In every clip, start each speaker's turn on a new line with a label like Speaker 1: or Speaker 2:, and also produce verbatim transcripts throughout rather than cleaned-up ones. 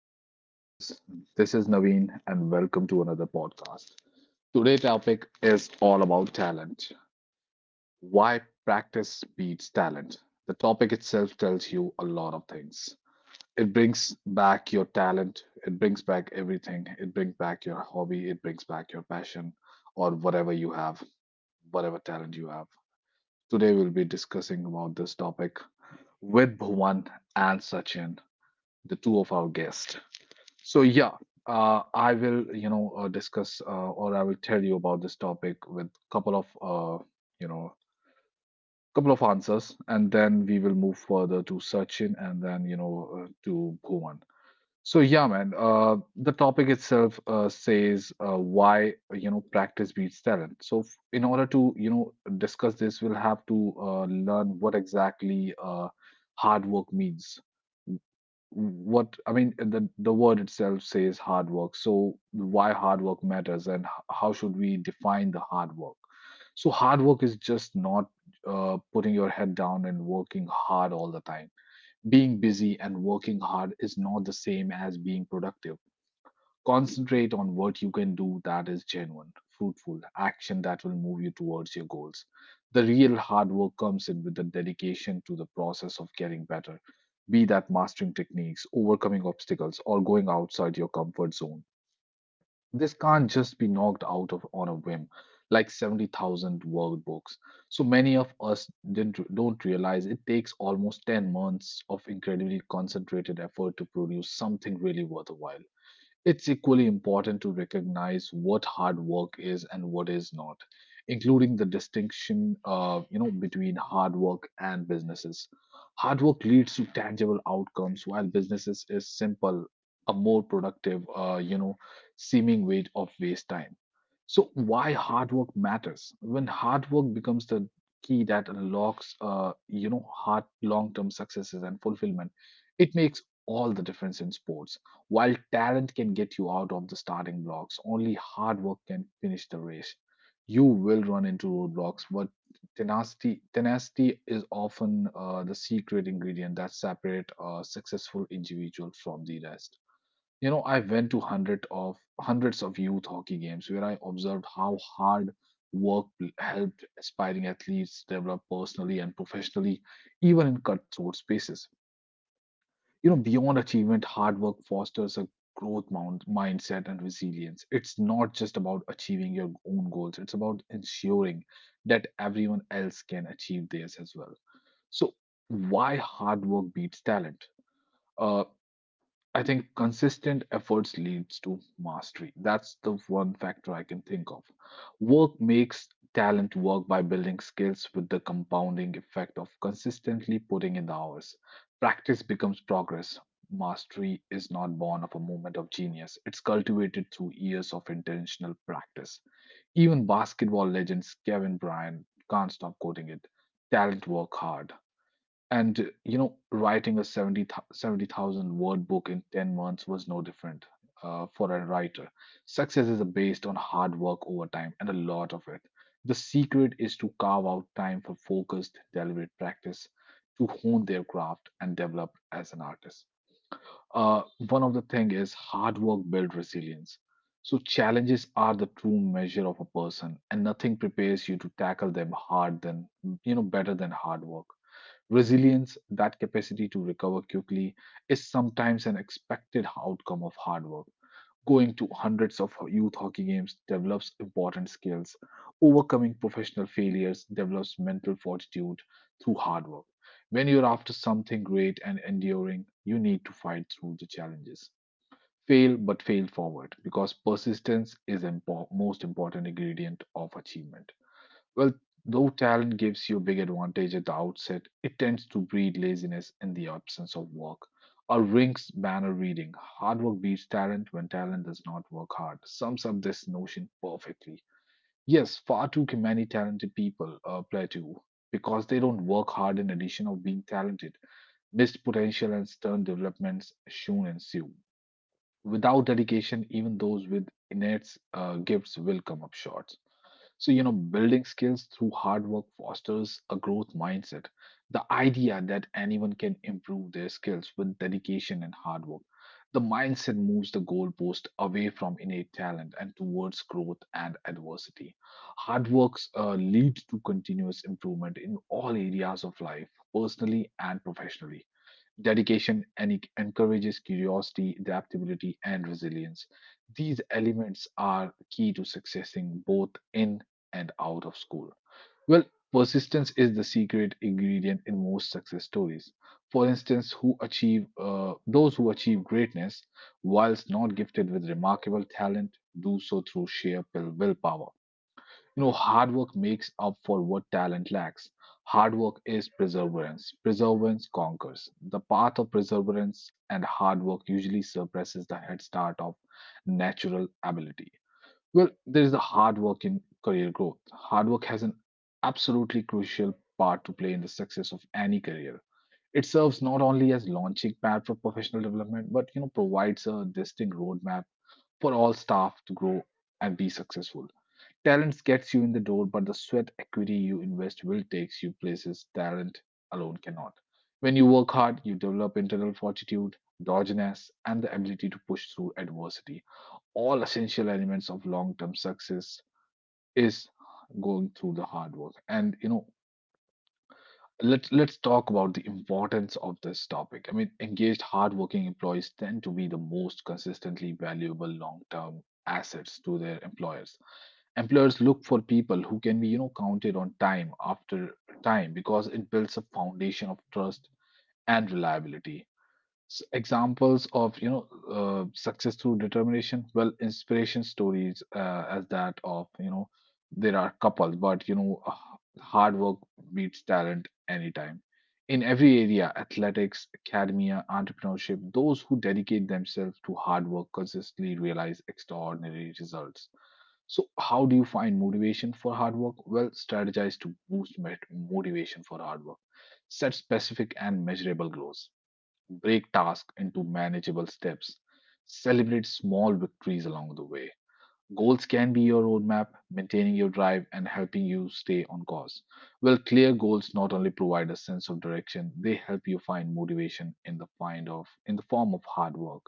Speaker 1: Hello, listeners. This is Naveen, and welcome to another podcast. Today's topic is all about talent. Why practice beats talent. The topic itself tells you a lot of things. It brings back your talent, it brings back everything, it brings back your hobby, it brings back your passion, or whatever you have, whatever talent you have. Today, we'll be discussing about this topic with Bhuvan and Sachin, the two of our guests. So yeah, uh, I will, you know, uh, discuss uh, or I will tell you about this topic with couple of, uh, you know, couple of answers, and then we will move further to Sachin and then, you know, uh, to Bhuvan. So yeah, man, uh, the topic itself uh, says uh, why, you know, practice beats talent. So f- in order to, you know, discuss this, we'll have to uh, learn what exactly uh, hard work means. What I mean, uh, the the word itself says hard work. So why hard work matters, and h- how should we define the hard work? So hard work is just not uh, putting your head down and working hard all the time. Being busy and working hard is not the same as being productive. Concentrate on what you can do that is genuine, fruitful, action that will move you towards your goals. The real hard work comes in with the dedication to the process of getting better, be that mastering techniques, overcoming obstacles, or going outside your comfort zone. This can't just be knocked out of on a whim, like seventy thousand word books. So many of us didn't, don't realize it takes almost ten months of incredibly concentrated effort to produce something really worthwhile. It's equally important to recognize what hard work is and what is not, including the distinction, uh, you know, between hard work and businesses. Hard work leads to tangible outcomes, while businesses is simple, a more productive, uh, you know, seeming way of waste time. So why hard work matters? When hard work becomes the key that unlocks, uh, you know, hard long-term successes and fulfillment, it makes all the difference in sports while talent can get you out of the starting blocks, only hard work can finish the race. You will run into roadblocks, but tenacity tenacity is often uh, the secret ingredient that separates a successful individual from the rest. You know, I went to hundred of hundreds of youth hockey games where I observed how hard work helped aspiring athletes develop personally and professionally, even in cutthroat spaces. You know, beyond achievement, hard work fosters a growth mound, mindset and resilience. It's not just about achieving your own goals, it's about ensuring that everyone else can achieve theirs as well. So, why hard work beats talent? Uh, I think consistent efforts leads to mastery. That's the one factor I can think of. Work makes talent work by building skills with the compounding effect of consistently putting in the hours. Practice becomes progress. Mastery is not born of a moment of genius. It's cultivated through years of intentional practice. Even basketball legends Kevin Bryant can't stop quoting it. Talent work hard. And you know, writing a 70 seventy thousand word book in ten months was no different uh, for a writer. Success is based on hard work over time and a lot of it. The secret is to carve out time for focused, deliberate practice to hone their craft and develop as an artist. Uh, One of the thing is hard work build resilience. So challenges are the true measure of a person, and nothing prepares you to tackle them hard than you know better than hard work. Resilience, that capacity to recover quickly, is sometimes an expected outcome of hard work. Going to hundreds of youth hockey games develops important skills. Overcoming professional failures develops mental fortitude through hard work. When you're after something great and enduring, you need to fight through the challenges. Fail, but fail forward, because persistence is the impo- most important ingredient of achievement. Well, though talent gives you a big advantage at the outset, it tends to breed laziness in the absence of work. A Rink's banner reading, hard work beats talent when talent does not work hard, sums up this notion perfectly. Yes, far too many talented people uh, plateau because they don't work hard in addition of being talented. Missed potential and stern developments soon ensue. Without dedication, even those with innate uh, gifts will come up short. So, you know, building skills through hard work fosters a growth mindset. The idea that anyone can improve their skills with dedication and hard work. The mindset moves the goalpost away from innate talent and towards growth and adversity. Hard works uh, leads to continuous improvement in all areas of life, personally and professionally dedication and encourages curiosity, adaptability, and resilience. These elements are key to successing both in and out of school. Well, persistence is the secret ingredient in most success stories. For instance, who achieve uh, those who achieve greatness, whilst not gifted with remarkable talent, do so through sheer will- willpower. You know, hard work makes up for what talent lacks. Hard work is perseverance. Perseverance conquers. The path of perseverance and hard work usually suppresses the head start of natural ability. Well, there is the hard work in career growth. Hard work has an absolutely crucial part to play in the success of any career. It serves not only as launching pad for professional development, but you know provides a distinct roadmap for all staff to grow and be successful. Talent gets you in the door, but the sweat equity you invest will takes you places talent alone cannot. When you work hard, you develop internal fortitude, doggedness, and the ability to push through adversity. All essential elements of long-term success is going through the hard work. And you know, Let's let's talk about the importance of this topic. I mean, engaged, hardworking employees tend to be the most consistently valuable long-term assets to their employers. Employers look for people who can be, you know, counted on time after time because it builds a foundation of trust and reliability. S- examples of, you know, uh, success through determination, well inspiration stories uh, as that of, you know, there are couple, but you know, h- hard work beats talent anytime, in every area, athletics, academia, entrepreneurship, those who dedicate themselves to hard work consistently realize extraordinary results. So how do you find motivation for hard work? Well, strategize to boost met- motivation for hard work. Set specific and measurable goals. Break tasks into manageable steps. Celebrate small victories along the way. Goals can be your roadmap, maintaining your drive and helping you stay on course. Well, clear goals not only provide a sense of direction, they help you find motivation in the find of in the form of hard work.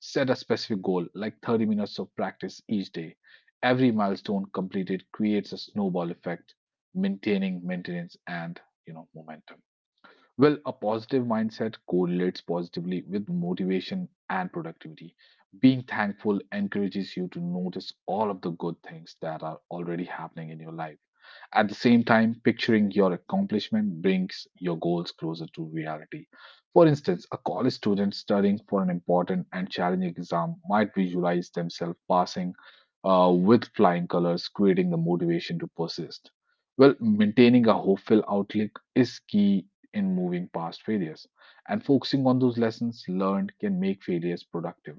Speaker 1: Set a specific goal like thirty minutes of practice each day. Every milestone completed creates a snowball effect, maintaining maintenance and you know momentum. Well, a positive mindset correlates positively with motivation and productivity. Being thankful encourages you to notice all of the good things that are already happening in your life. At the same time, picturing your accomplishment brings your goals closer to reality. For instance, a college student studying for an important and challenging exam might visualize themselves passing uh, with flying colors, creating the motivation to persist. Well, maintaining a hopeful outlook is key in moving past failures. And focusing on those lessons learned can make failures productive.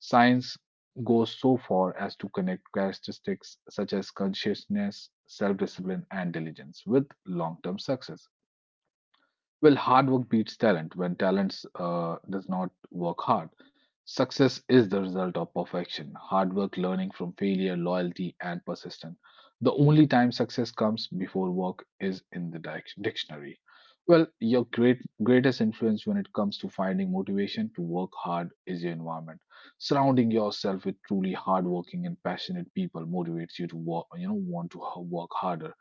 Speaker 1: Science goes so far as to connect characteristics such as consciousness, self discipline, and diligence with long term success. Well, hard work beats talent. When talent uh, does not work hard, success is the result of perfection. Hard work, learning from failure, loyalty, and persistence. The only time success comes before work is in the dic- dictionary. Well, your great greatest influence when it comes to finding motivation to work hard is your environment. Surrounding yourself with truly hardworking and passionate people motivates you to work, you know, want to h- work harder.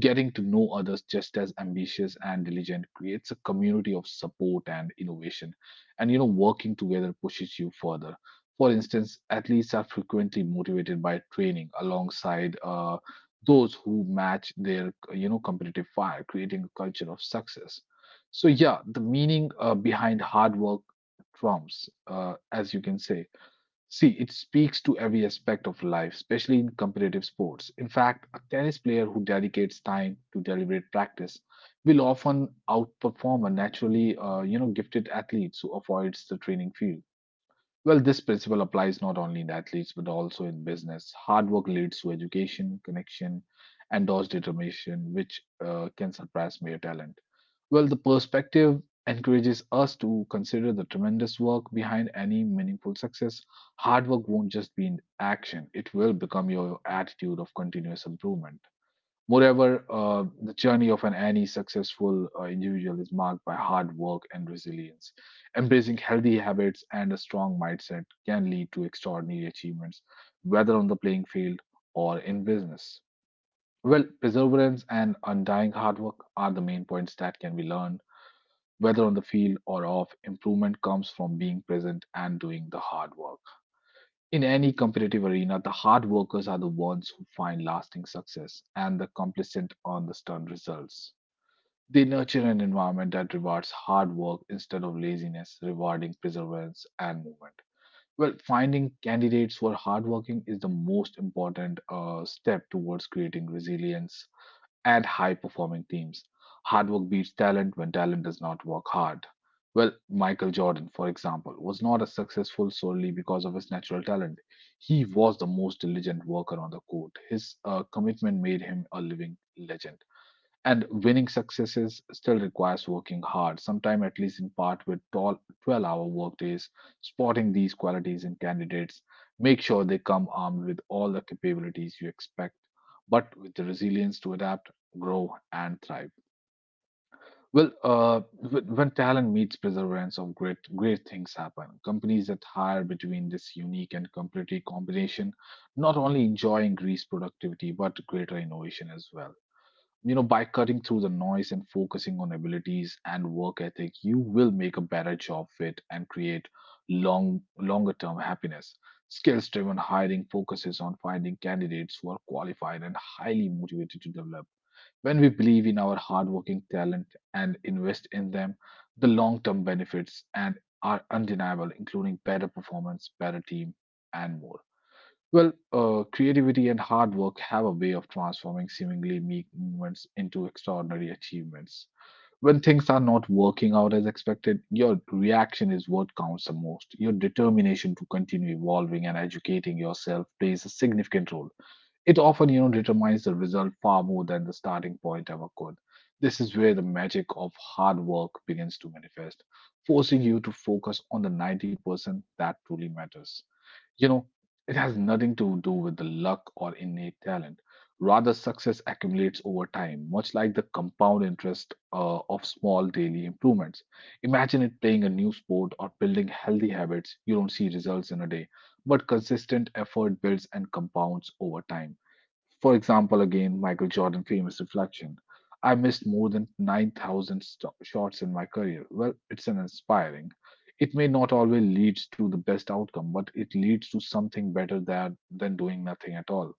Speaker 1: Getting to know others just as ambitious and diligent creates a community of support and innovation. And you know, working together pushes you further. For instance, athletes are frequently motivated by training alongside uh, those who match their you know competitive fire, creating a culture of success. So yeah, the meaning uh, behind hard work trumps, uh, as you can say. See, it speaks to every aspect of life, especially in competitive sports. In fact, a tennis player who dedicates time to deliberate practice will often outperform a naturally, uh, you know, gifted athlete who avoids the training field. Well, this principle applies not only in athletes but also in business. Hard work leads to education, connection, and those determination, which uh, can surpass mere talent. Well, the perspective encourages us to consider the tremendous work behind any meaningful success. Hard work won't just be in action, it will become your attitude of continuous improvement. Moreover, uh, the journey of an any successful uh, individual is marked by hard work and resilience. Embracing healthy habits and a strong mindset can lead to extraordinary achievements, whether on the playing field or in business. Well, perseverance and undying hard work are the main points that can be learned, whether on the field or off. Improvement comes from being present and doing the hard work. In any competitive arena, the hard workers are the ones who find lasting success, and the complacent on the stern results. They nurture an environment that rewards hard work instead of laziness, rewarding perseverance and movement. Well, finding candidates who are hardworking is the most important uh, step towards creating resilience and high performing teams. Hard work beats talent when talent does not work hard. Well, Michael Jordan, for example, was not as successful solely because of his natural talent. He was the most diligent worker on the court. His uh, commitment made him a living legend. And winning successes still requires working hard, sometime at least in part with twelve hour workdays. Spotting these qualities in candidates, make sure they come armed with all the capabilities you expect, but with the resilience to adapt, grow, and thrive. Well, uh, wh- when talent meets perseverance of great, great things happen. Companies that hire between this unique and competitive combination not only enjoy increased productivity but greater innovation as well. You know, by cutting through the noise and focusing on abilities and work ethic, you will make a better job fit and create long longer term happiness. Skills driven hiring focuses on finding candidates who are qualified and highly motivated to develop. When we believe in our hardworking talent and invest in them, the long term benefits and are undeniable, including better performance, better team, and more. Well, uh, creativity and hard work have a way of transforming seemingly meek moments into extraordinary achievements. When things are not working out as expected, your reaction is what counts the most. Your determination to continue evolving and educating yourself plays a significant role. It often, you know, determines the result far more than the starting point ever could. This is where the magic of hard work begins to manifest, forcing you to focus on the ninety percent that truly matters. You know, it has nothing to do with the luck or innate talent. Rather, success accumulates over time, much like the compound interest uh, of small daily improvements. Imagine it playing a new sport or building healthy habits. You don't see results in a day, but consistent effort builds and compounds over time. For example, again, Michael Jordan famous reflection. I missed more than nine thousand sto shots in my career. Well, it's an inspiring. It may not always leads to the best outcome, but it leads to something better than, than doing nothing at all.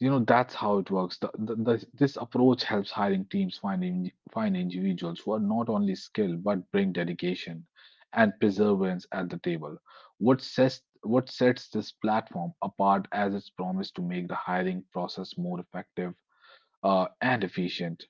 Speaker 1: You know, that's how it works. The, the, the, this approach helps hiring teams find, in, find individuals who are not only skilled but bring dedication and perseverance at the table. What sets, what sets this platform apart as its promise to make the hiring process more effective uh, and efficient.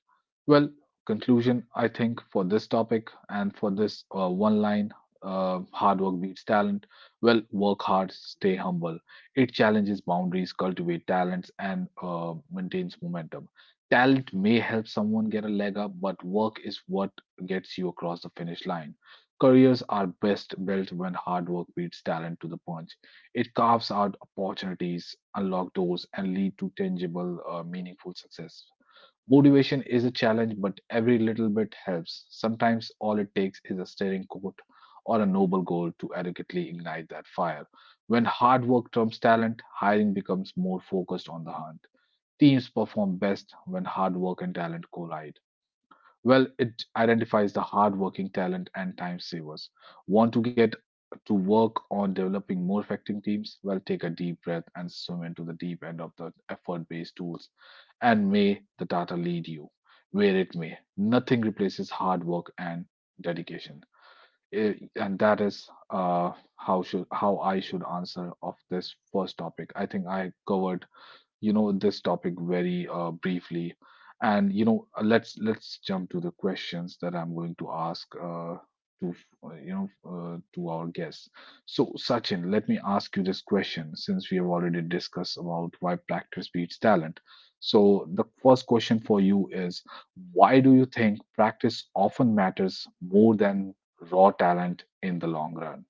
Speaker 1: Well, conclusion, I think, for this topic and for this uh, one line uh, hard work beats talent. Well, work hard, stay humble. It challenges boundaries, cultivate talents, and uh, maintains momentum. Talent may help someone get a leg up, but work is what gets you across the finish line. Careers are best built when hard work beats talent to the punch. It carves out opportunities, unlock doors, and lead to tangible, uh, meaningful success. Motivation is a challenge, but every little bit helps. Sometimes all it takes is a steering quote or a noble goal to adequately ignite that fire. When hard work trumps talent, hiring becomes more focused on the hunt. Teams perform best when hard work and talent collide. Well, it identifies the hardworking talent and time savers. Want to get to work on developing more effective teams? Well, take a deep breath and swim into the deep end of the effort based tools. And may the data lead you where it may. Nothing replaces hard work and dedication. Eh, And that is uh, how should how I should answer of this first topic. I think I covered, you know, this topic very uh, briefly and, you know, uh, let's let's jump to the questions that I'm going to ask, uh, to uh, you know uh, to our guests. So Sachin, let me ask you this question. Since we have already discussed about why practice beats talent, so the first question for you is, why do you think practice often matters more than raw talent in the long run?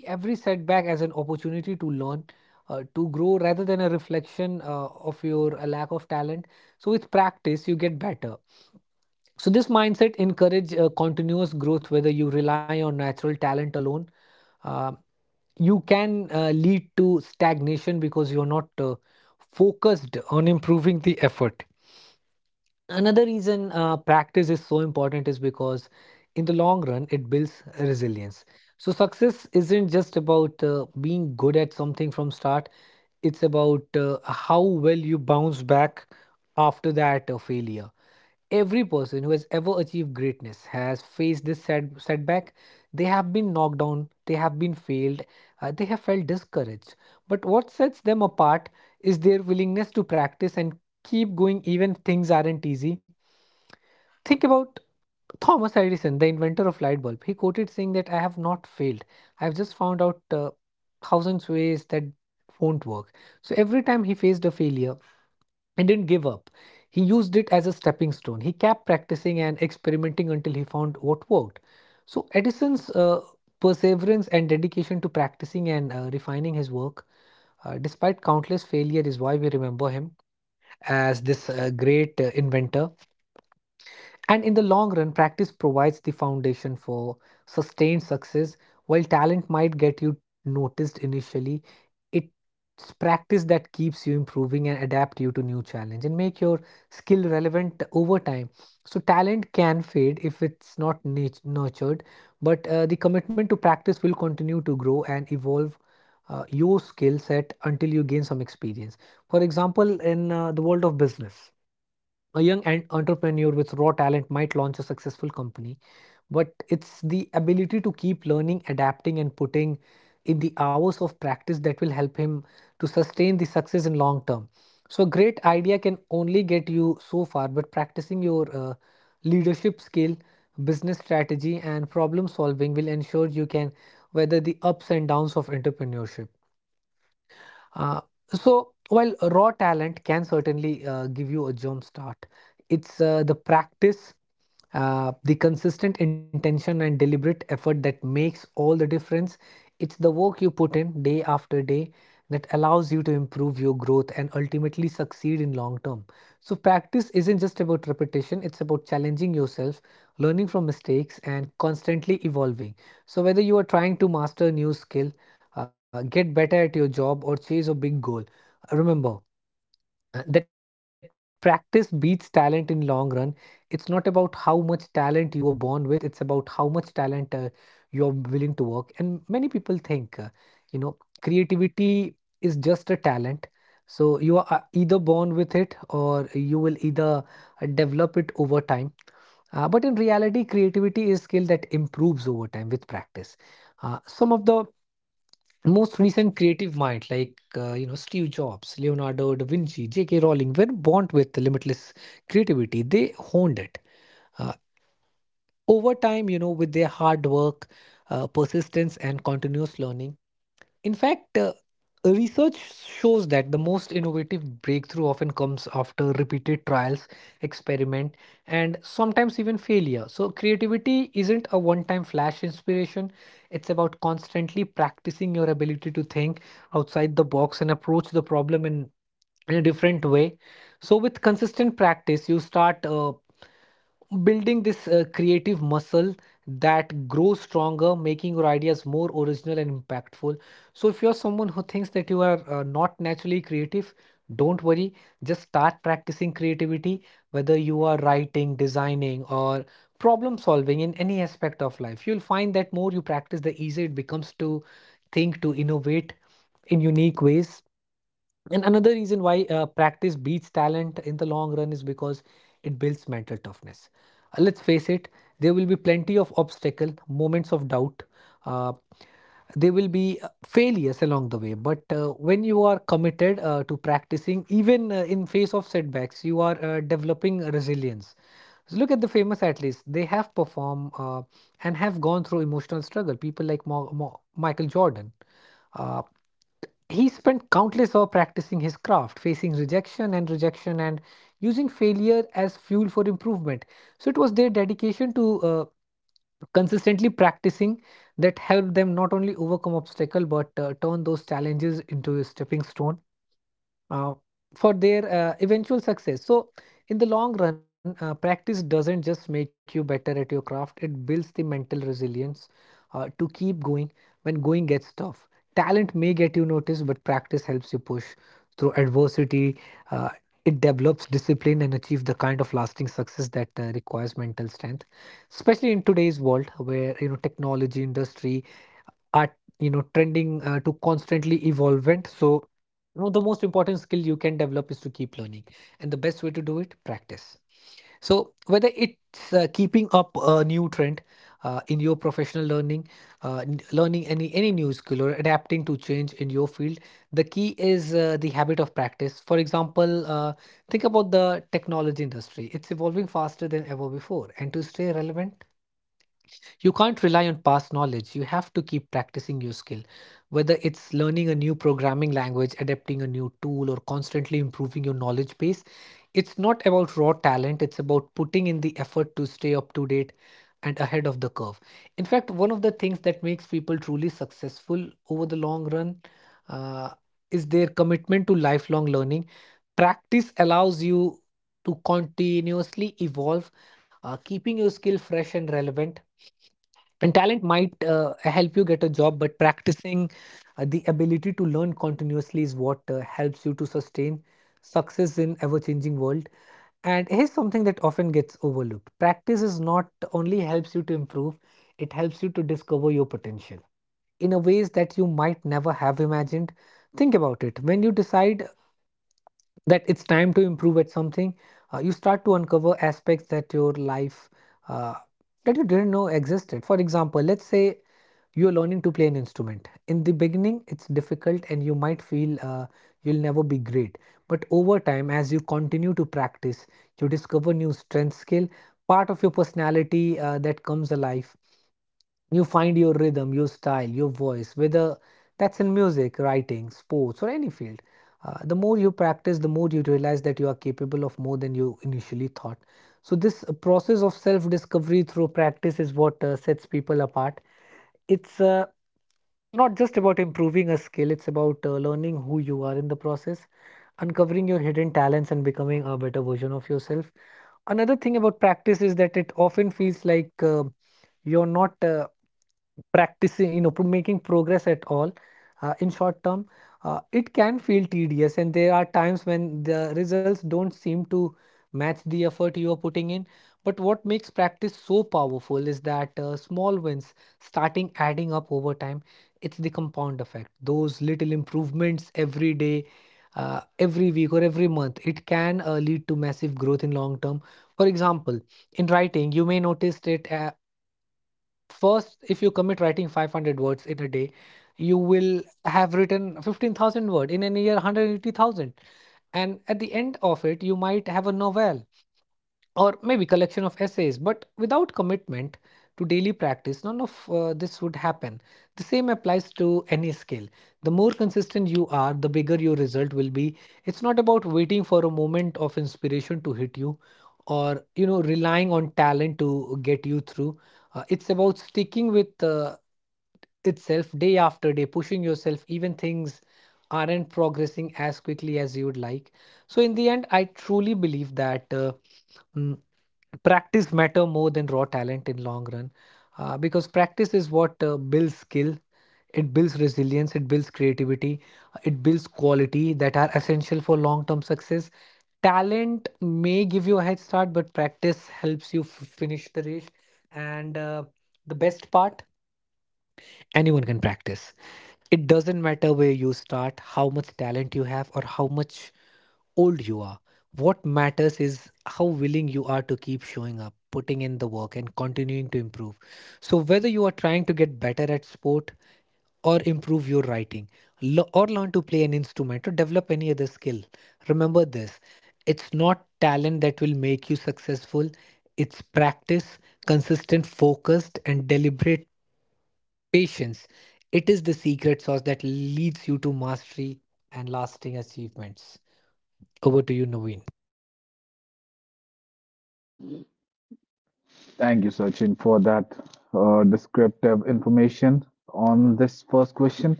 Speaker 1: Thank you, Sachin, for that uh, descriptive information on this first question.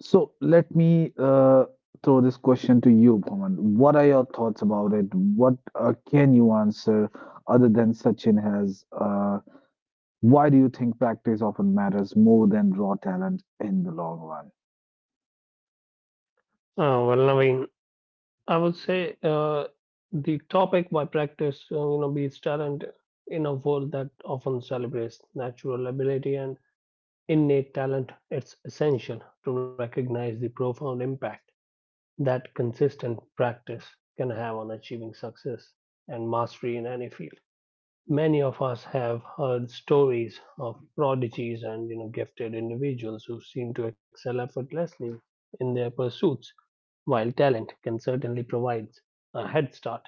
Speaker 1: So let me uh, throw this question to you, Pawan. What are your thoughts about it? What uh, can you answer other than Sachin has? Uh, why do you think practice often matters more than raw talent in the long run?
Speaker 2: Uh, well, Naveen, I would say uh, the topic why practice, uh, you know, beats talent in a world that often celebrates natural ability and innate talent. It's essential to recognize the profound impact that consistent practice can have on achieving success and mastery in any field. Many of us have heard stories of prodigies and you know gifted individuals who seem to excel effortlessly in their pursuits. While talent can certainly provide a head start,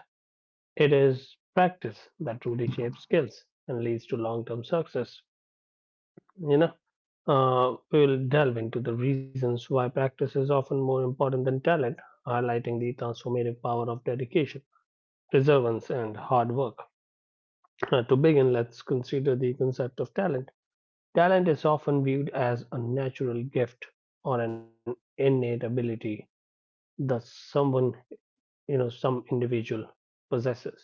Speaker 2: it is practice that truly shapes skills and leads to long term success. You know, uh, we'll delve into the reasons why practice is often more important than talent, highlighting the transformative power of dedication, perseverance, and hard work. Uh, to begin, let's consider the concept of talent. Talent is often viewed as a natural gift or an innate ability, thus, someone you know some individual possesses.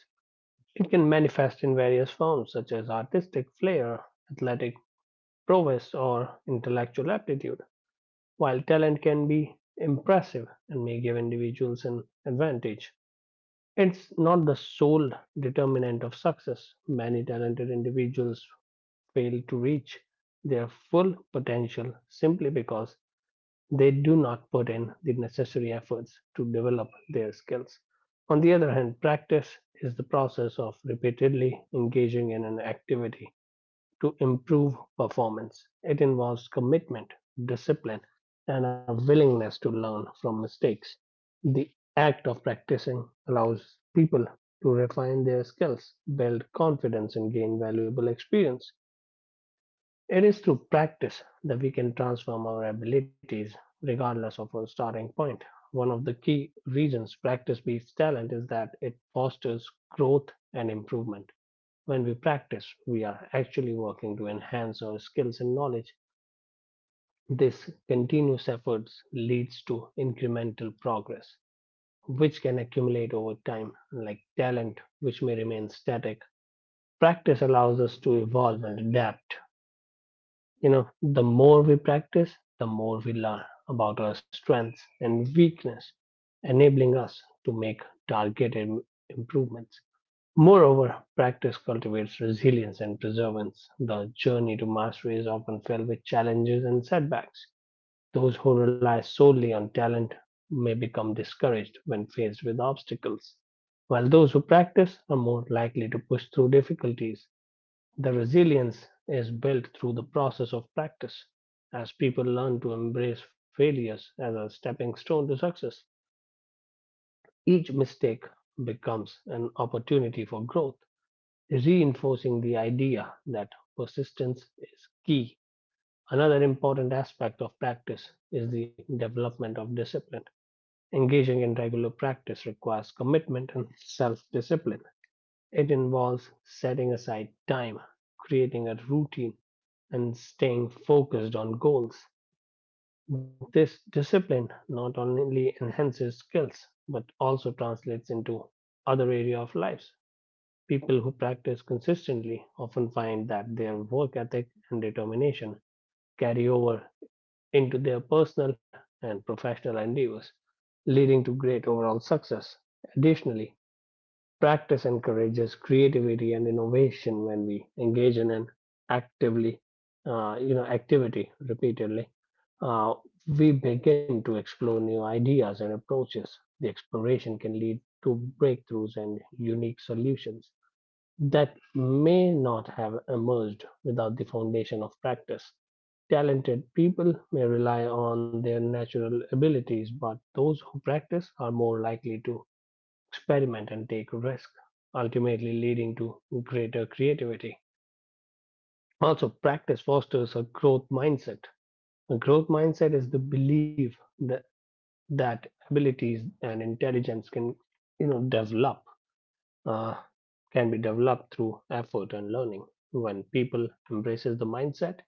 Speaker 2: It can manifest in various forms such as artistic flair, athletic prowess, or intellectual aptitude. While talent can be impressive and may give individuals an advantage, it's not the sole determinant of success. Many talented individuals fail to reach their full potential simply because they do not put in the necessary efforts to develop their skills. On the other hand, practice is the process of repeatedly engaging in an activity to improve performance. It involves commitment, discipline, and a willingness to learn from mistakes. The act of practicing allows people to refine their skills, build confidence, and gain valuable experience. It is through practice that we can transform our abilities regardless of our starting point. One of the key reasons practice beats talent is that it fosters growth and improvement. When we practice, we are actually working to enhance our skills and knowledge. This continuous efforts leads to incremental progress, which can accumulate over time, like talent, which may remain static. Practice allows us to evolve and adapt. You know, the more we practice, the more we learn about our strengths and weakness, enabling us to make targeted improvements. Moreover, practice cultivates resilience and perseverance. The journey to mastery is often filled with challenges and setbacks. Those who rely solely on talent may become discouraged when faced with obstacles, while those who practice are more likely to push through difficulties. The resilience is built through the process of practice, as people learn to embrace failures as a stepping stone to success. Each mistake becomes an opportunity for growth, reinforcing the idea that persistence is key. Another important aspect of practice is the development of discipline. Engaging in regular practice requires commitment and self discipline. It involves setting aside time, creating a routine, and staying focused on goals. This discipline not only enhances skills but also translates into other areas of life. People who practice consistently often find that their work ethic and determination carry over into their personal and professional endeavors, leading to great overall success. Additionally, practice encourages creativity and innovation when we engage in an actively, uh, you know, activity repeatedly. Uh, we begin to explore new ideas and approaches. The exploration can lead to breakthroughs and unique solutions that may not have emerged without the foundation of practice. Talented people may rely on their natural abilities, but those who practice are more likely to experiment and take risk, ultimately leading to greater creativity. Also, practice fosters a growth mindset. A growth mindset is the belief that, that abilities and intelligence can, you know, develop, uh, can be developed through effort and learning. When people embraces the mindset,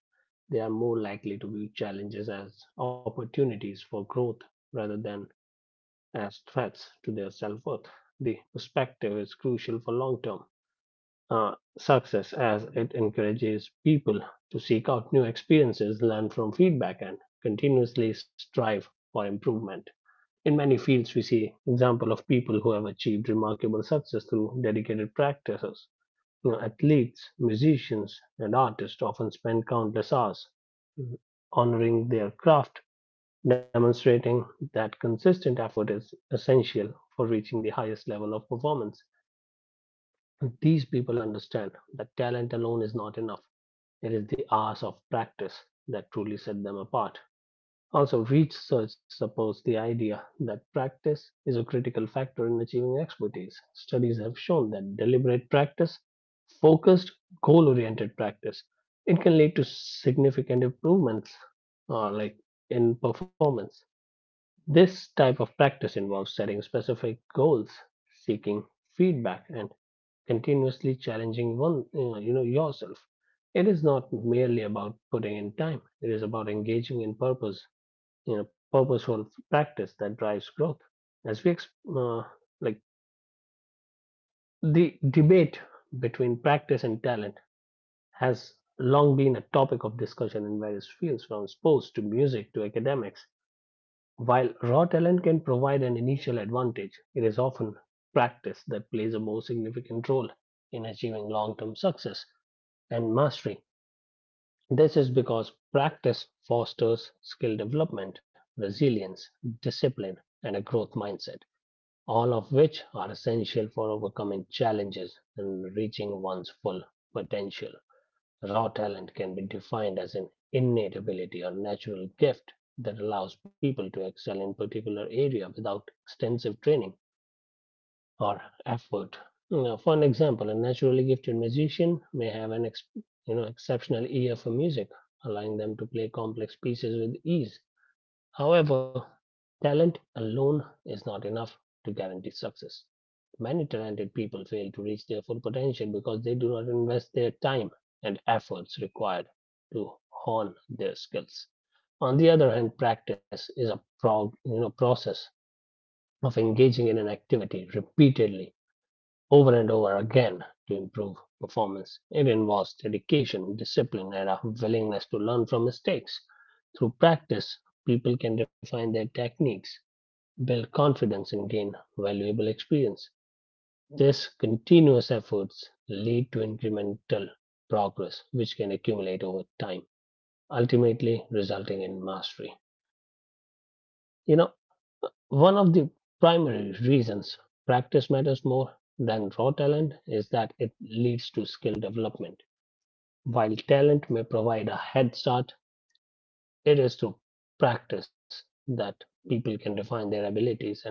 Speaker 2: they are more likely to view challenges as opportunities for growth rather than as threats to their self-worth. The perspective is crucial for long-term uh, success as it encourages people to seek out new experiences, learn from feedback, and continuously strive for improvement. In many fields, we see examples of people who have achieved remarkable success through dedicated practices. You know, athletes, musicians, and artists often spend countless hours honoring their craft, demonstrating that consistent effort is essential for reaching the highest level of performance. These people understand that talent alone is not enough. It is the hours of practice that truly set them apart. Also, research supports the idea that practice is a critical factor in achieving expertise. Studies have shown that deliberate practice, focused, goal oriented practice, it can lead to significant improvements uh, like in performance. This type of practice involves setting specific goals, seeking feedback, and continuously challenging one uh, you know yourself. It is not merely about putting in time. It is about engaging in purpose you know purposeful practice that drives growth. As we ex- uh, like The debate between practice and talent has long been a topic of discussion in various fields from sports to music to academics. While raw talent can provide an initial advantage, it is often practice that plays a more significant role in achieving long-term success and mastery. This is because practice fosters skill development, resilience, discipline, and a growth mindset, all of which are essential for overcoming challenges and reaching one's full potential. Raw talent can be defined as an innate ability or natural gift that allows people to excel in a particular area without extensive training or effort. You know, for an example, a naturally gifted musician may have an ex- you know exceptional ear for music, allowing them to play complex pieces with ease. However, talent alone is not enough to guarantee success. Many talented people fail to reach their full potential because they do not invest their time and efforts required to hone their skills. On the other hand, practice is a prog- you know, process of engaging in an activity repeatedly over and over again to improve performance. It involves dedication, discipline, and a willingness to learn from mistakes. Through practice, people can refine their techniques, build confidence, and gain valuable experience. These continuous efforts lead to incremental progress, which can accumulate over time, ultimately resulting in mastery. You know, One of the primary reasons practice matters more than raw talent is that it leads to skill development. While talent may provide a head start, it is through practice that people can define their abilities and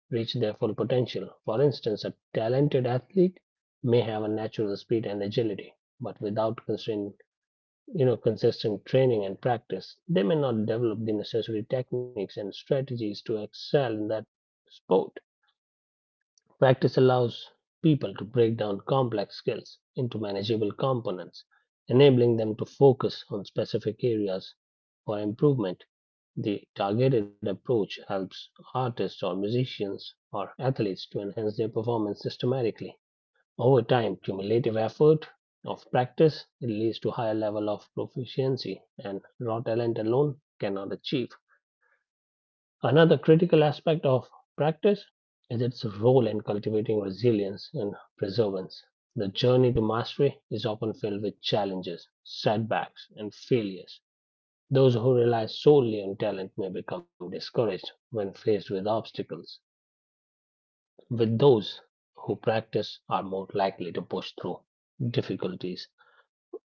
Speaker 2: reach their full potential. For instance, a talented athlete may have a natural speed and agility, but without consistent, you know, consistent training and practice, they may not develop the necessary techniques and strategies to excel in that sport. Practice allows people to break down complex skills into manageable components, enabling them to focus on specific areas for improvement. The targeted approach helps artists or musicians or athletes to enhance their performance systematically. Over time, cumulative effort of practice leads to higher level of proficiency and raw talent alone cannot achieve. Another critical aspect of practice is its role in cultivating resilience and perseverance. The journey to mastery is often filled with challenges, setbacks, and failures. Those who rely solely on talent may become discouraged when faced with obstacles, with those who practice are more likely to push through difficulties.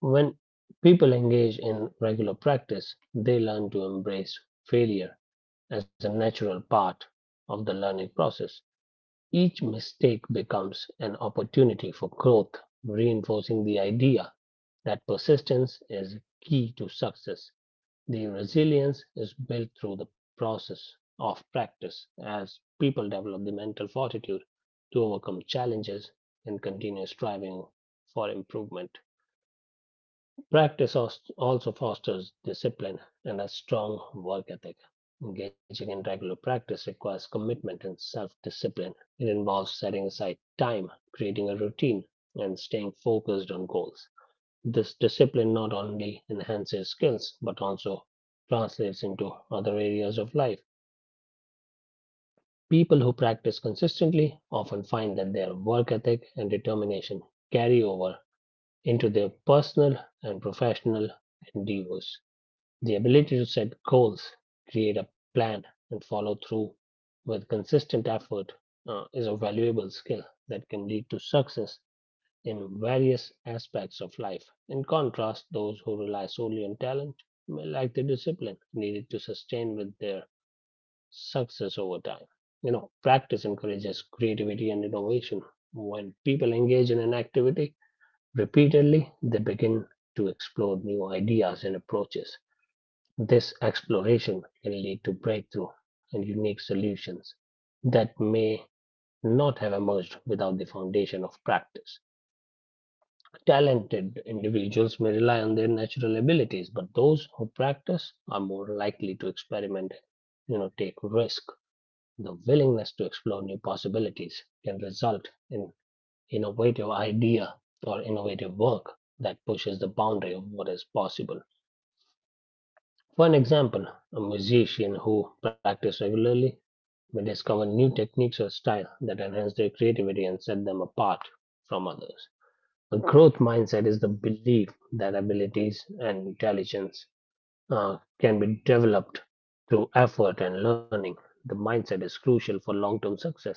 Speaker 2: When people engage in regular practice, they learn to embrace failure as a natural part of the learning process. Each mistake becomes an opportunity for growth, reinforcing the idea that persistence is key to success. The resilience is built through the process of practice as people develop the mental fortitude to overcome challenges and continue striving for improvement. Practice als- also fosters discipline and a strong work ethic. Engaging in regular practice requires commitment and self discipline. It involves setting aside time, creating a routine, and staying focused on goals. This discipline not only enhances skills but also translates into other areas of life. People who practice consistently often find that their work ethic and determination carry over into their personal and professional endeavors. The ability to set goals, create a plan, and follow through with consistent effort uh, is a valuable skill that can lead to success in various aspects of life. In contrast, those who rely solely on talent may lack the discipline needed to sustain with their success over time. You know, practice encourages creativity and innovation. When people engage in an activity repeatedly, they begin to explore new ideas and approaches. This exploration can lead to breakthrough and unique solutions that may not have emerged without the foundation of practice. Talented individuals may rely on their natural abilities, but those who practice are more likely to experiment, you know, take risk. The willingness to explore new possibilities can result in innovative idea or innovative work that pushes the boundary of what is possible. For an example, a musician who practice regularly may discover new techniques or style that enhance their creativity and set them apart from others. A growth mindset is the belief that abilities and intelligence uh, can be developed through effort and learning. The mindset is crucial for long term success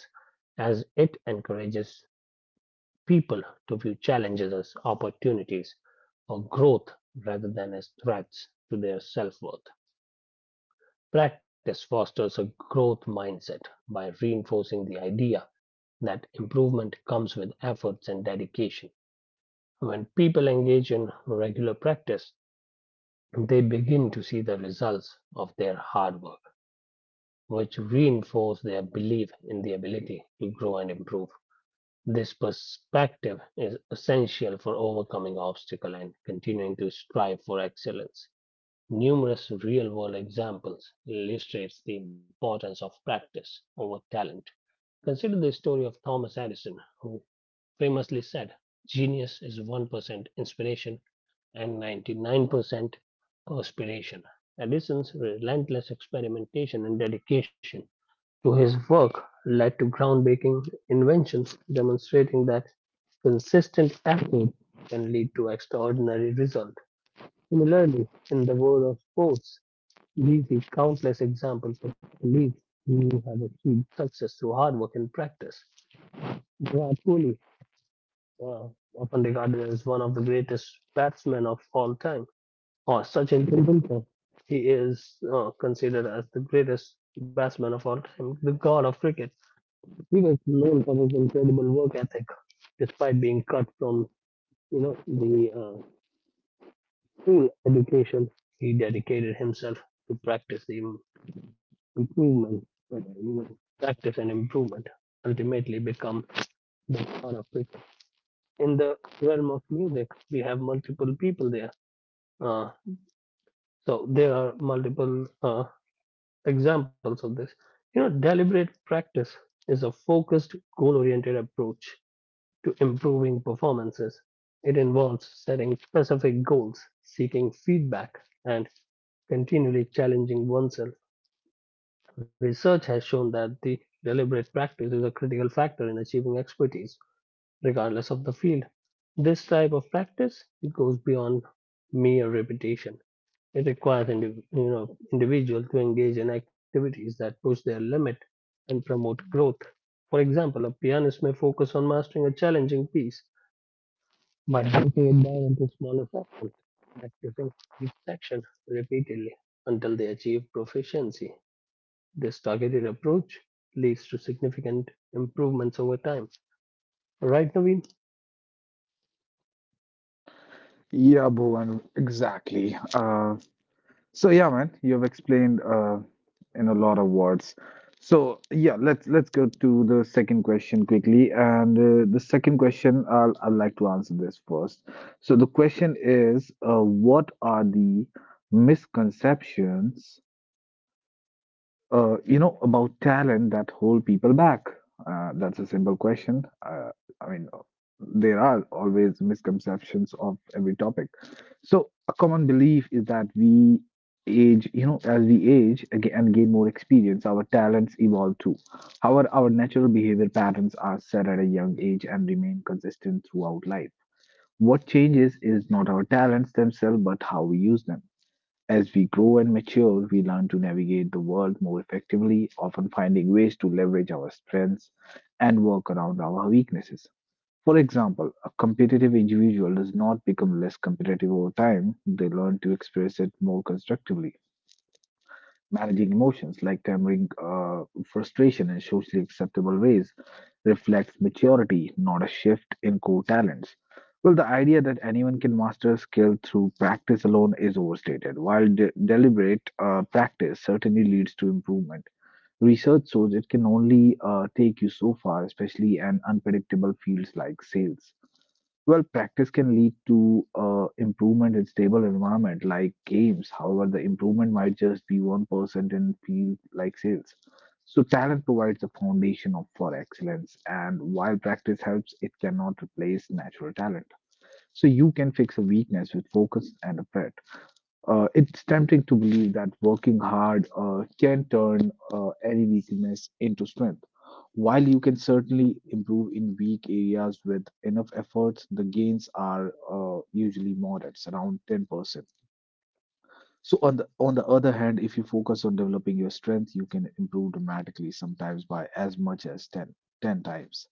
Speaker 2: as it encourages people to view challenges as opportunities for growth rather than as threats to their self worth. Practice fosters a growth mindset by reinforcing the idea that improvement comes with efforts and dedication. When people engage in regular practice, they begin to see the results of their hard work, which reinforce their belief in the ability to grow and improve. This perspective is essential for overcoming obstacles and continuing to strive for excellence. Numerous real-world examples illustrates the importance of practice over talent. Consider the story of Thomas Edison, who famously said, "Genius is one percent inspiration and ninety-nine percent perspiration." Edison's relentless experimentation and dedication to his work led to groundbreaking inventions, demonstrating that consistent effort can lead to extraordinary results. Similarly, in the world of sports, we see countless examples of colleagues who have achieved success through hard work and practice. Virat Kohli, uh, often regarded as one of the greatest batsmen of all time, or Sachin Tendulkar, he is uh, considered as the greatest batsman of all time, the god of cricket. He was known for his incredible work ethic, despite being cut from you know the uh, school education. He dedicated himself to practice the improvement, whether you know, practice and improvement ultimately become the son of it. In the realm of music, we have multiple people there. Uh, so there are multiple uh, examples of this. You know, deliberate practice is a focused, goal oriented approach to improving performances. It involves setting specific goals, seeking feedback, and continually challenging oneself. Research has shown that the deliberate practice is a critical factor in achieving expertise, regardless of the field. This type of practice it goes beyond mere repetition. It requires indiv- you know individual to engage in activities that push their limit and promote growth. For example, a pianist may focus on mastering a challenging piece by breaking it down into smaller sections, practicing each section repeatedly until they achieve proficiency. This targeted approach leads to significant improvements over time. Right, Naveen?
Speaker 1: Yeah, Bhuvan, exactly. Uh, So yeah, man, you've explained uh, in a lot of words. So yeah, let's let's go to the second question quickly. And uh, the second question, I'll I'd like to answer this first. So the question is, uh, what are the misconceptions, uh, you know, about talent that hold people back. Uh, that's a simple question. Uh, I mean, there are always misconceptions of every topic. So, a common belief is that we age, you know, as we age aga and gain more experience, our talents evolve too. However, our natural behavior patterns are set at a young age and remain consistent throughout life. What changes is not our talents themselves, but how we use them. As we grow and mature, we learn to navigate the world more effectively, often finding ways to leverage our strengths and work around our weaknesses. For example, a competitive individual does not become less competitive over time, they learn to express it more constructively. Managing emotions like tempering uh, frustration in socially acceptable ways reflects maturity, not a shift in core talents. Well, the idea that anyone can master a skill through practice alone is overstated. While de- deliberate uh, practice certainly leads to improvement, research shows it can only uh, take you so far, especially in unpredictable fields like sales. Well, practice can lead to uh, improvement in stable environment like games. However, the improvement might just be one percent in field like sales. So talent provides a foundation of, for excellence, and while practice helps, it cannot replace natural talent. So you can fix a weakness with focus and effort. Uh, it's tempting to believe that working hard uh, can turn uh, any weakness into strength. While you can certainly improve in weak areas with enough efforts, the gains are uh, usually modest, around ten percent. So on the on the other hand, if you focus on developing your strength, you can improve dramatically, sometimes by as much as ten, ten times.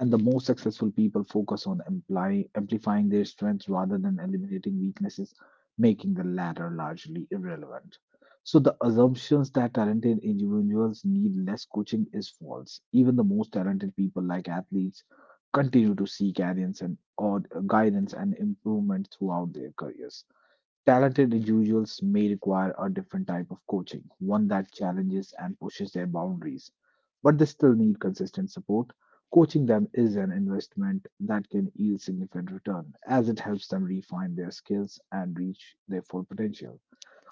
Speaker 1: And the most successful people focus on imply, amplifying their strengths rather than eliminating weaknesses, making the latter largely irrelevant. So, the assumptions that talented individuals need less coaching is false. Even the most talented people, like athletes, continue to seek guidance and, or guidance and improvement throughout their careers. Talented individuals may require a different type of coaching, one that challenges and pushes their boundaries, but they still need consistent support. Coaching them is an investment that can yield significant return as it helps them refine their skills and reach their full potential.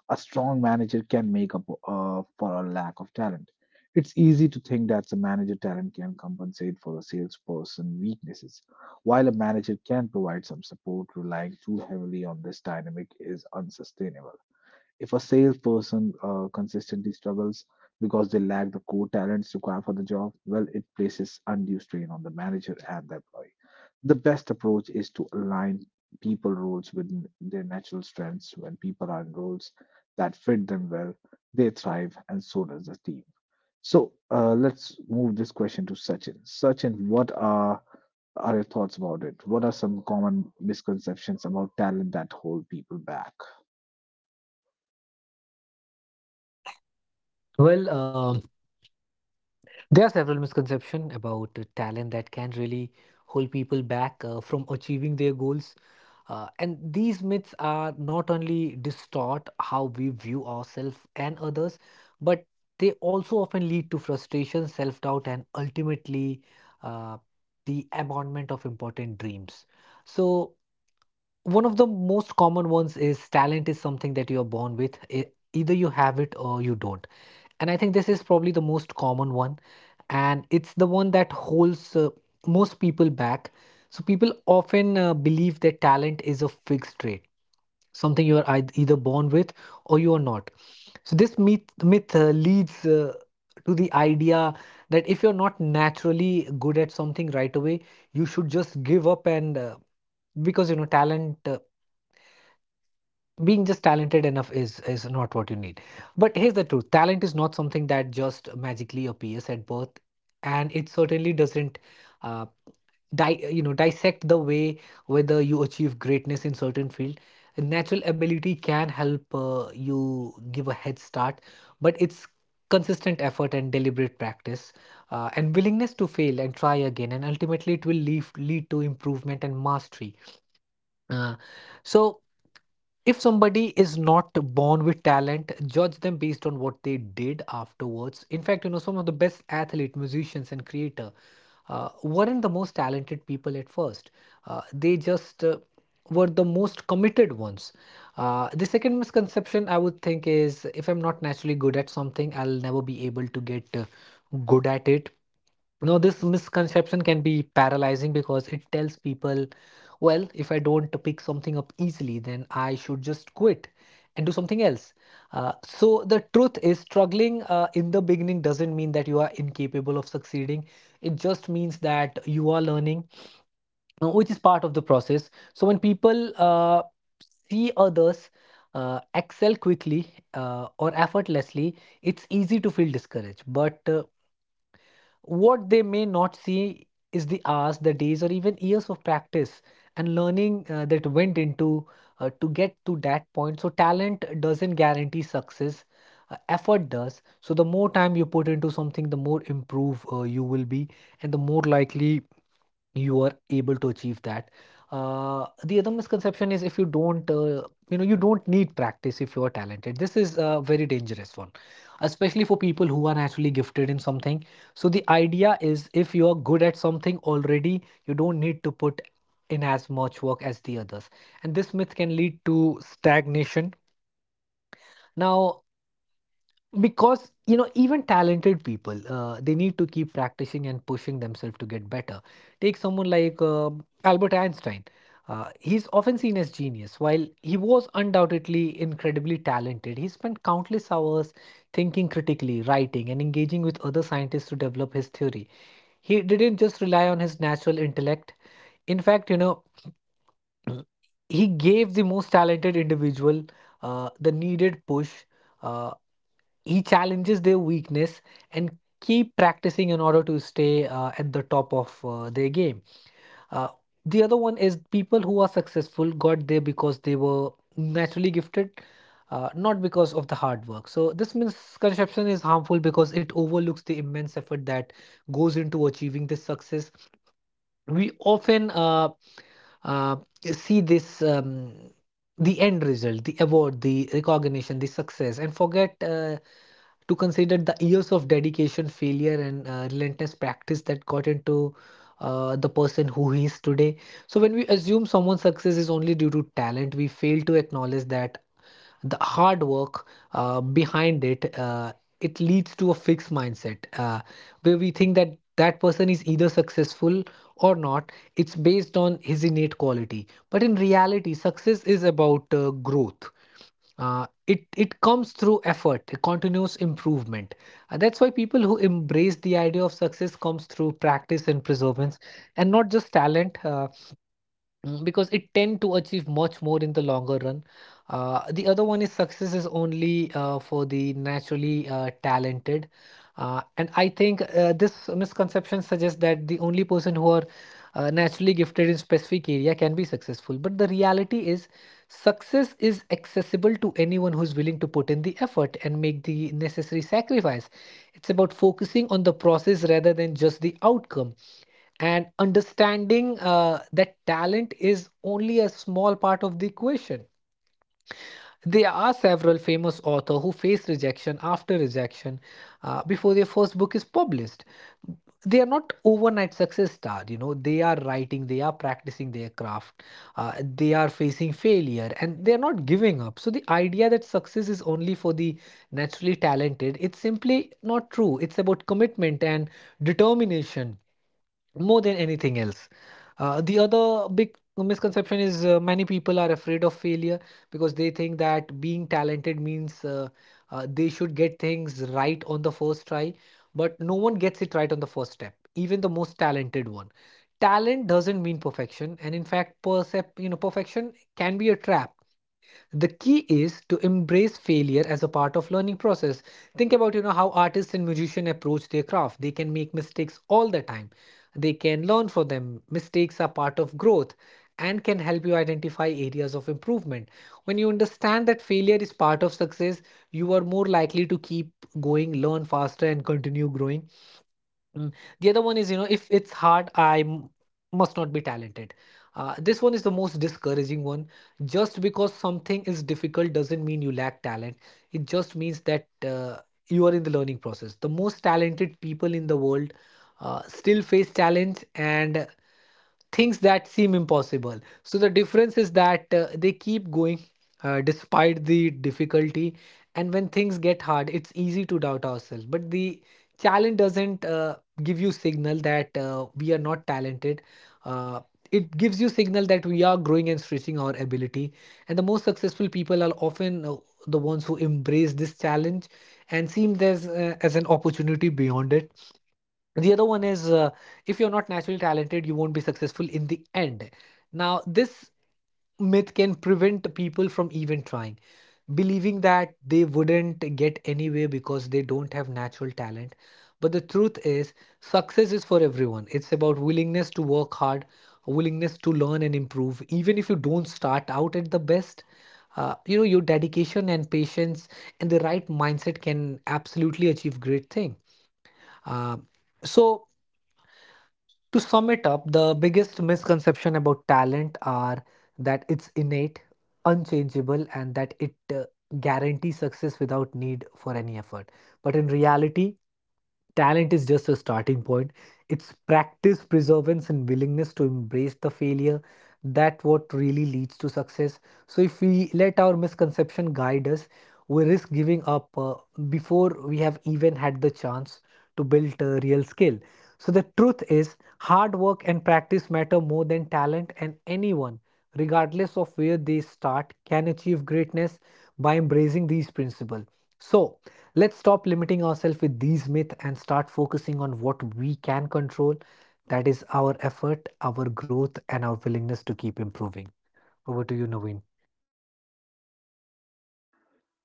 Speaker 1: A strong manager can make up uh, for a lack of talent. It's easy to think that a manager talent can compensate for a salesperson weaknesses, while a manager can provide some support. Relying too heavily on this dynamic is unsustainable. If a salesperson uh, consistently struggles because they lack the core talents required for the job, well, it places undue strain on the manager and the employee. The best approach is to align people roles with n- their natural strengths. When people are in roles that fit them well, they thrive, and so does the team. So uh, let's move this question to Sachin. Sachin, what are are your thoughts about it? What are some common misconceptions about talent that hold people back?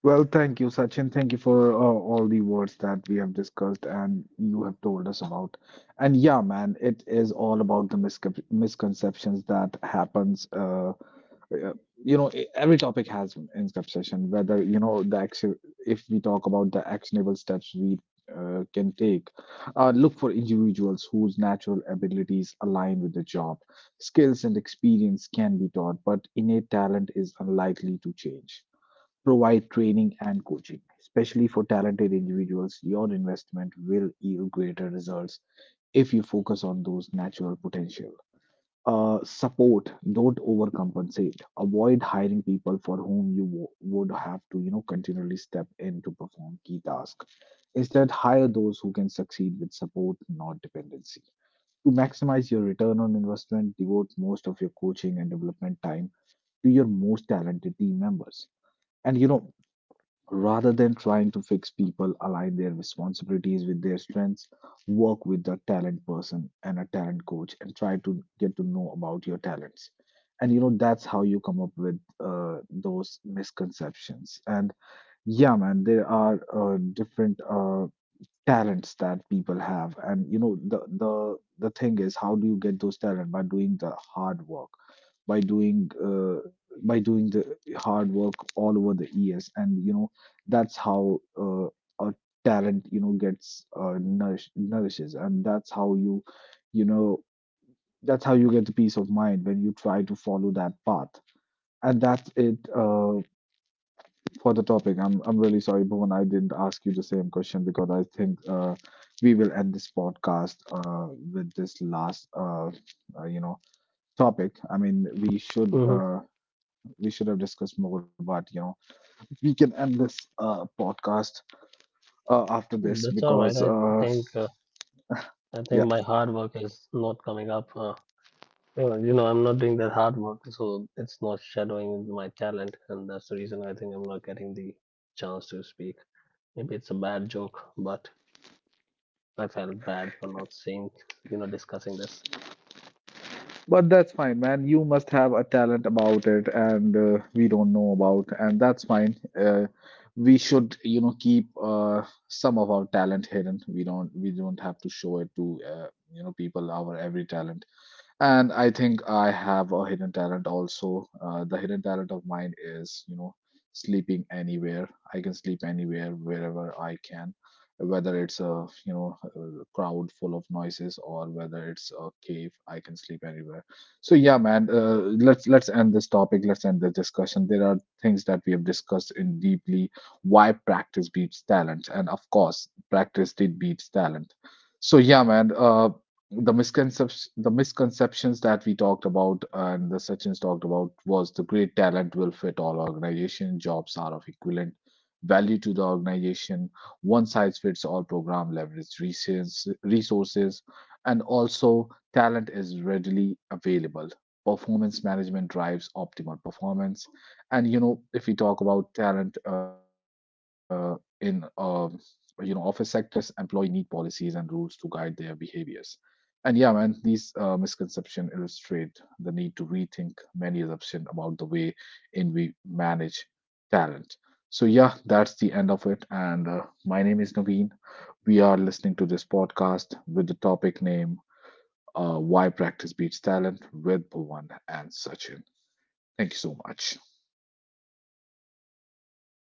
Speaker 1: Well, thank you, Sachin. Thank you for uh, all the words that we have discussed and you have told us about. And yeah, man, it is all about the miscep misconceptions that happens. Uh, uh, you know, e- every topic has an misconception. Whether you know the action, if we talk about the actionable steps we uh, can take, uh, look for individuals whose natural abilities align with the job. Skills and experience can be taught, but innate talent is unlikely to change, provide training and coaching, especially for talented individuals. Your investment will yield greater results if you focus on those natural potential. Uh, support. Don't overcompensate. Avoid hiring people for whom you wo- would have to, you know, continually step in to perform key tasks. Instead, hire those who can succeed with support, not dependency. To maximize your return on investment, devote most of your coaching and development time to your most talented team members and you know Rather than trying to fix people, align their responsibilities with their strengths, work with a talent person and a talent coach, and try to get to know about your talents. And you know, that's how you come up with uh, those misconceptions. And yeah, man, there are uh, different uh, talents that people have. And you know, the the the thing is, how do you get those talent by doing the hard work? By doing uh, by doing the hard work all over the years, and you know that's how uh, a talent you know gets uh, nourish, nourishes, and that's how you, you know that's how you get the peace of mind when you try to follow that path. And that's it, uh, for the topic. I'm i'm really sorry, Bhuvan, I didn't ask you the same question because I think uh, we will end this podcast uh, with this last, uh, uh, you know topic. I mean, we should,
Speaker 2: Mm-hmm.
Speaker 1: uh, we should have discussed more, but you know, we can end this uh, podcast uh, after this
Speaker 2: That's all right.
Speaker 1: because
Speaker 2: I
Speaker 1: uh,
Speaker 2: think uh, I think my
Speaker 1: yeah,
Speaker 2: hard work is not coming up. Uh, well, you know, I'm not doing that hard work, so it's not shadowing my talent, and that's the reason I think I'm not getting the chance to speak. Maybe it's a bad joke, but I felt bad for not saying, you know, discussing this.
Speaker 1: but that's fine, man. You must have a talent about it, and uh, we don't know about, and that's fine. Uh, we should, you know, keep uh, some of our talent hidden. We don't, we don't have to show it to, uh, you know, people our every talent. And I think I have a hidden talent also. Uh, the hidden talent of mine is, you know, sleeping anywhere. I can sleep anywhere, wherever I can, whether it's a, you know, a crowd full of noises, or whether it's a cave, I can sleep anywhere. So yeah, man, uh, let's let's end this topic. Let's end this discussion. There are things that we have discussed in deeply why practice beats talent, and of course, practice did beats talent. So yeah, man. Uh, the misconceptions the misconceptions that we talked about and the Sachin's talked about was the great talent will fit all organization, jobs are of equivalent value to the organization, one size fits all program, leverage resources resources, and also talent is readily available, performance management drives optimal performance, and you know, if we talk about talent uh, in uh, you know, office sectors, employee need policies and rules to guide their behaviors. And yeah, man, these uh, misconceptions illustrate the need to rethink many assumptions about the way in we manage talent. So yeah, that's the end of it. And uh, my name is Naveen. We are listening to this podcast with the topic name, uh, "Why Practice Beats Talent" with Bhuvan and Sachin. Thank you so much.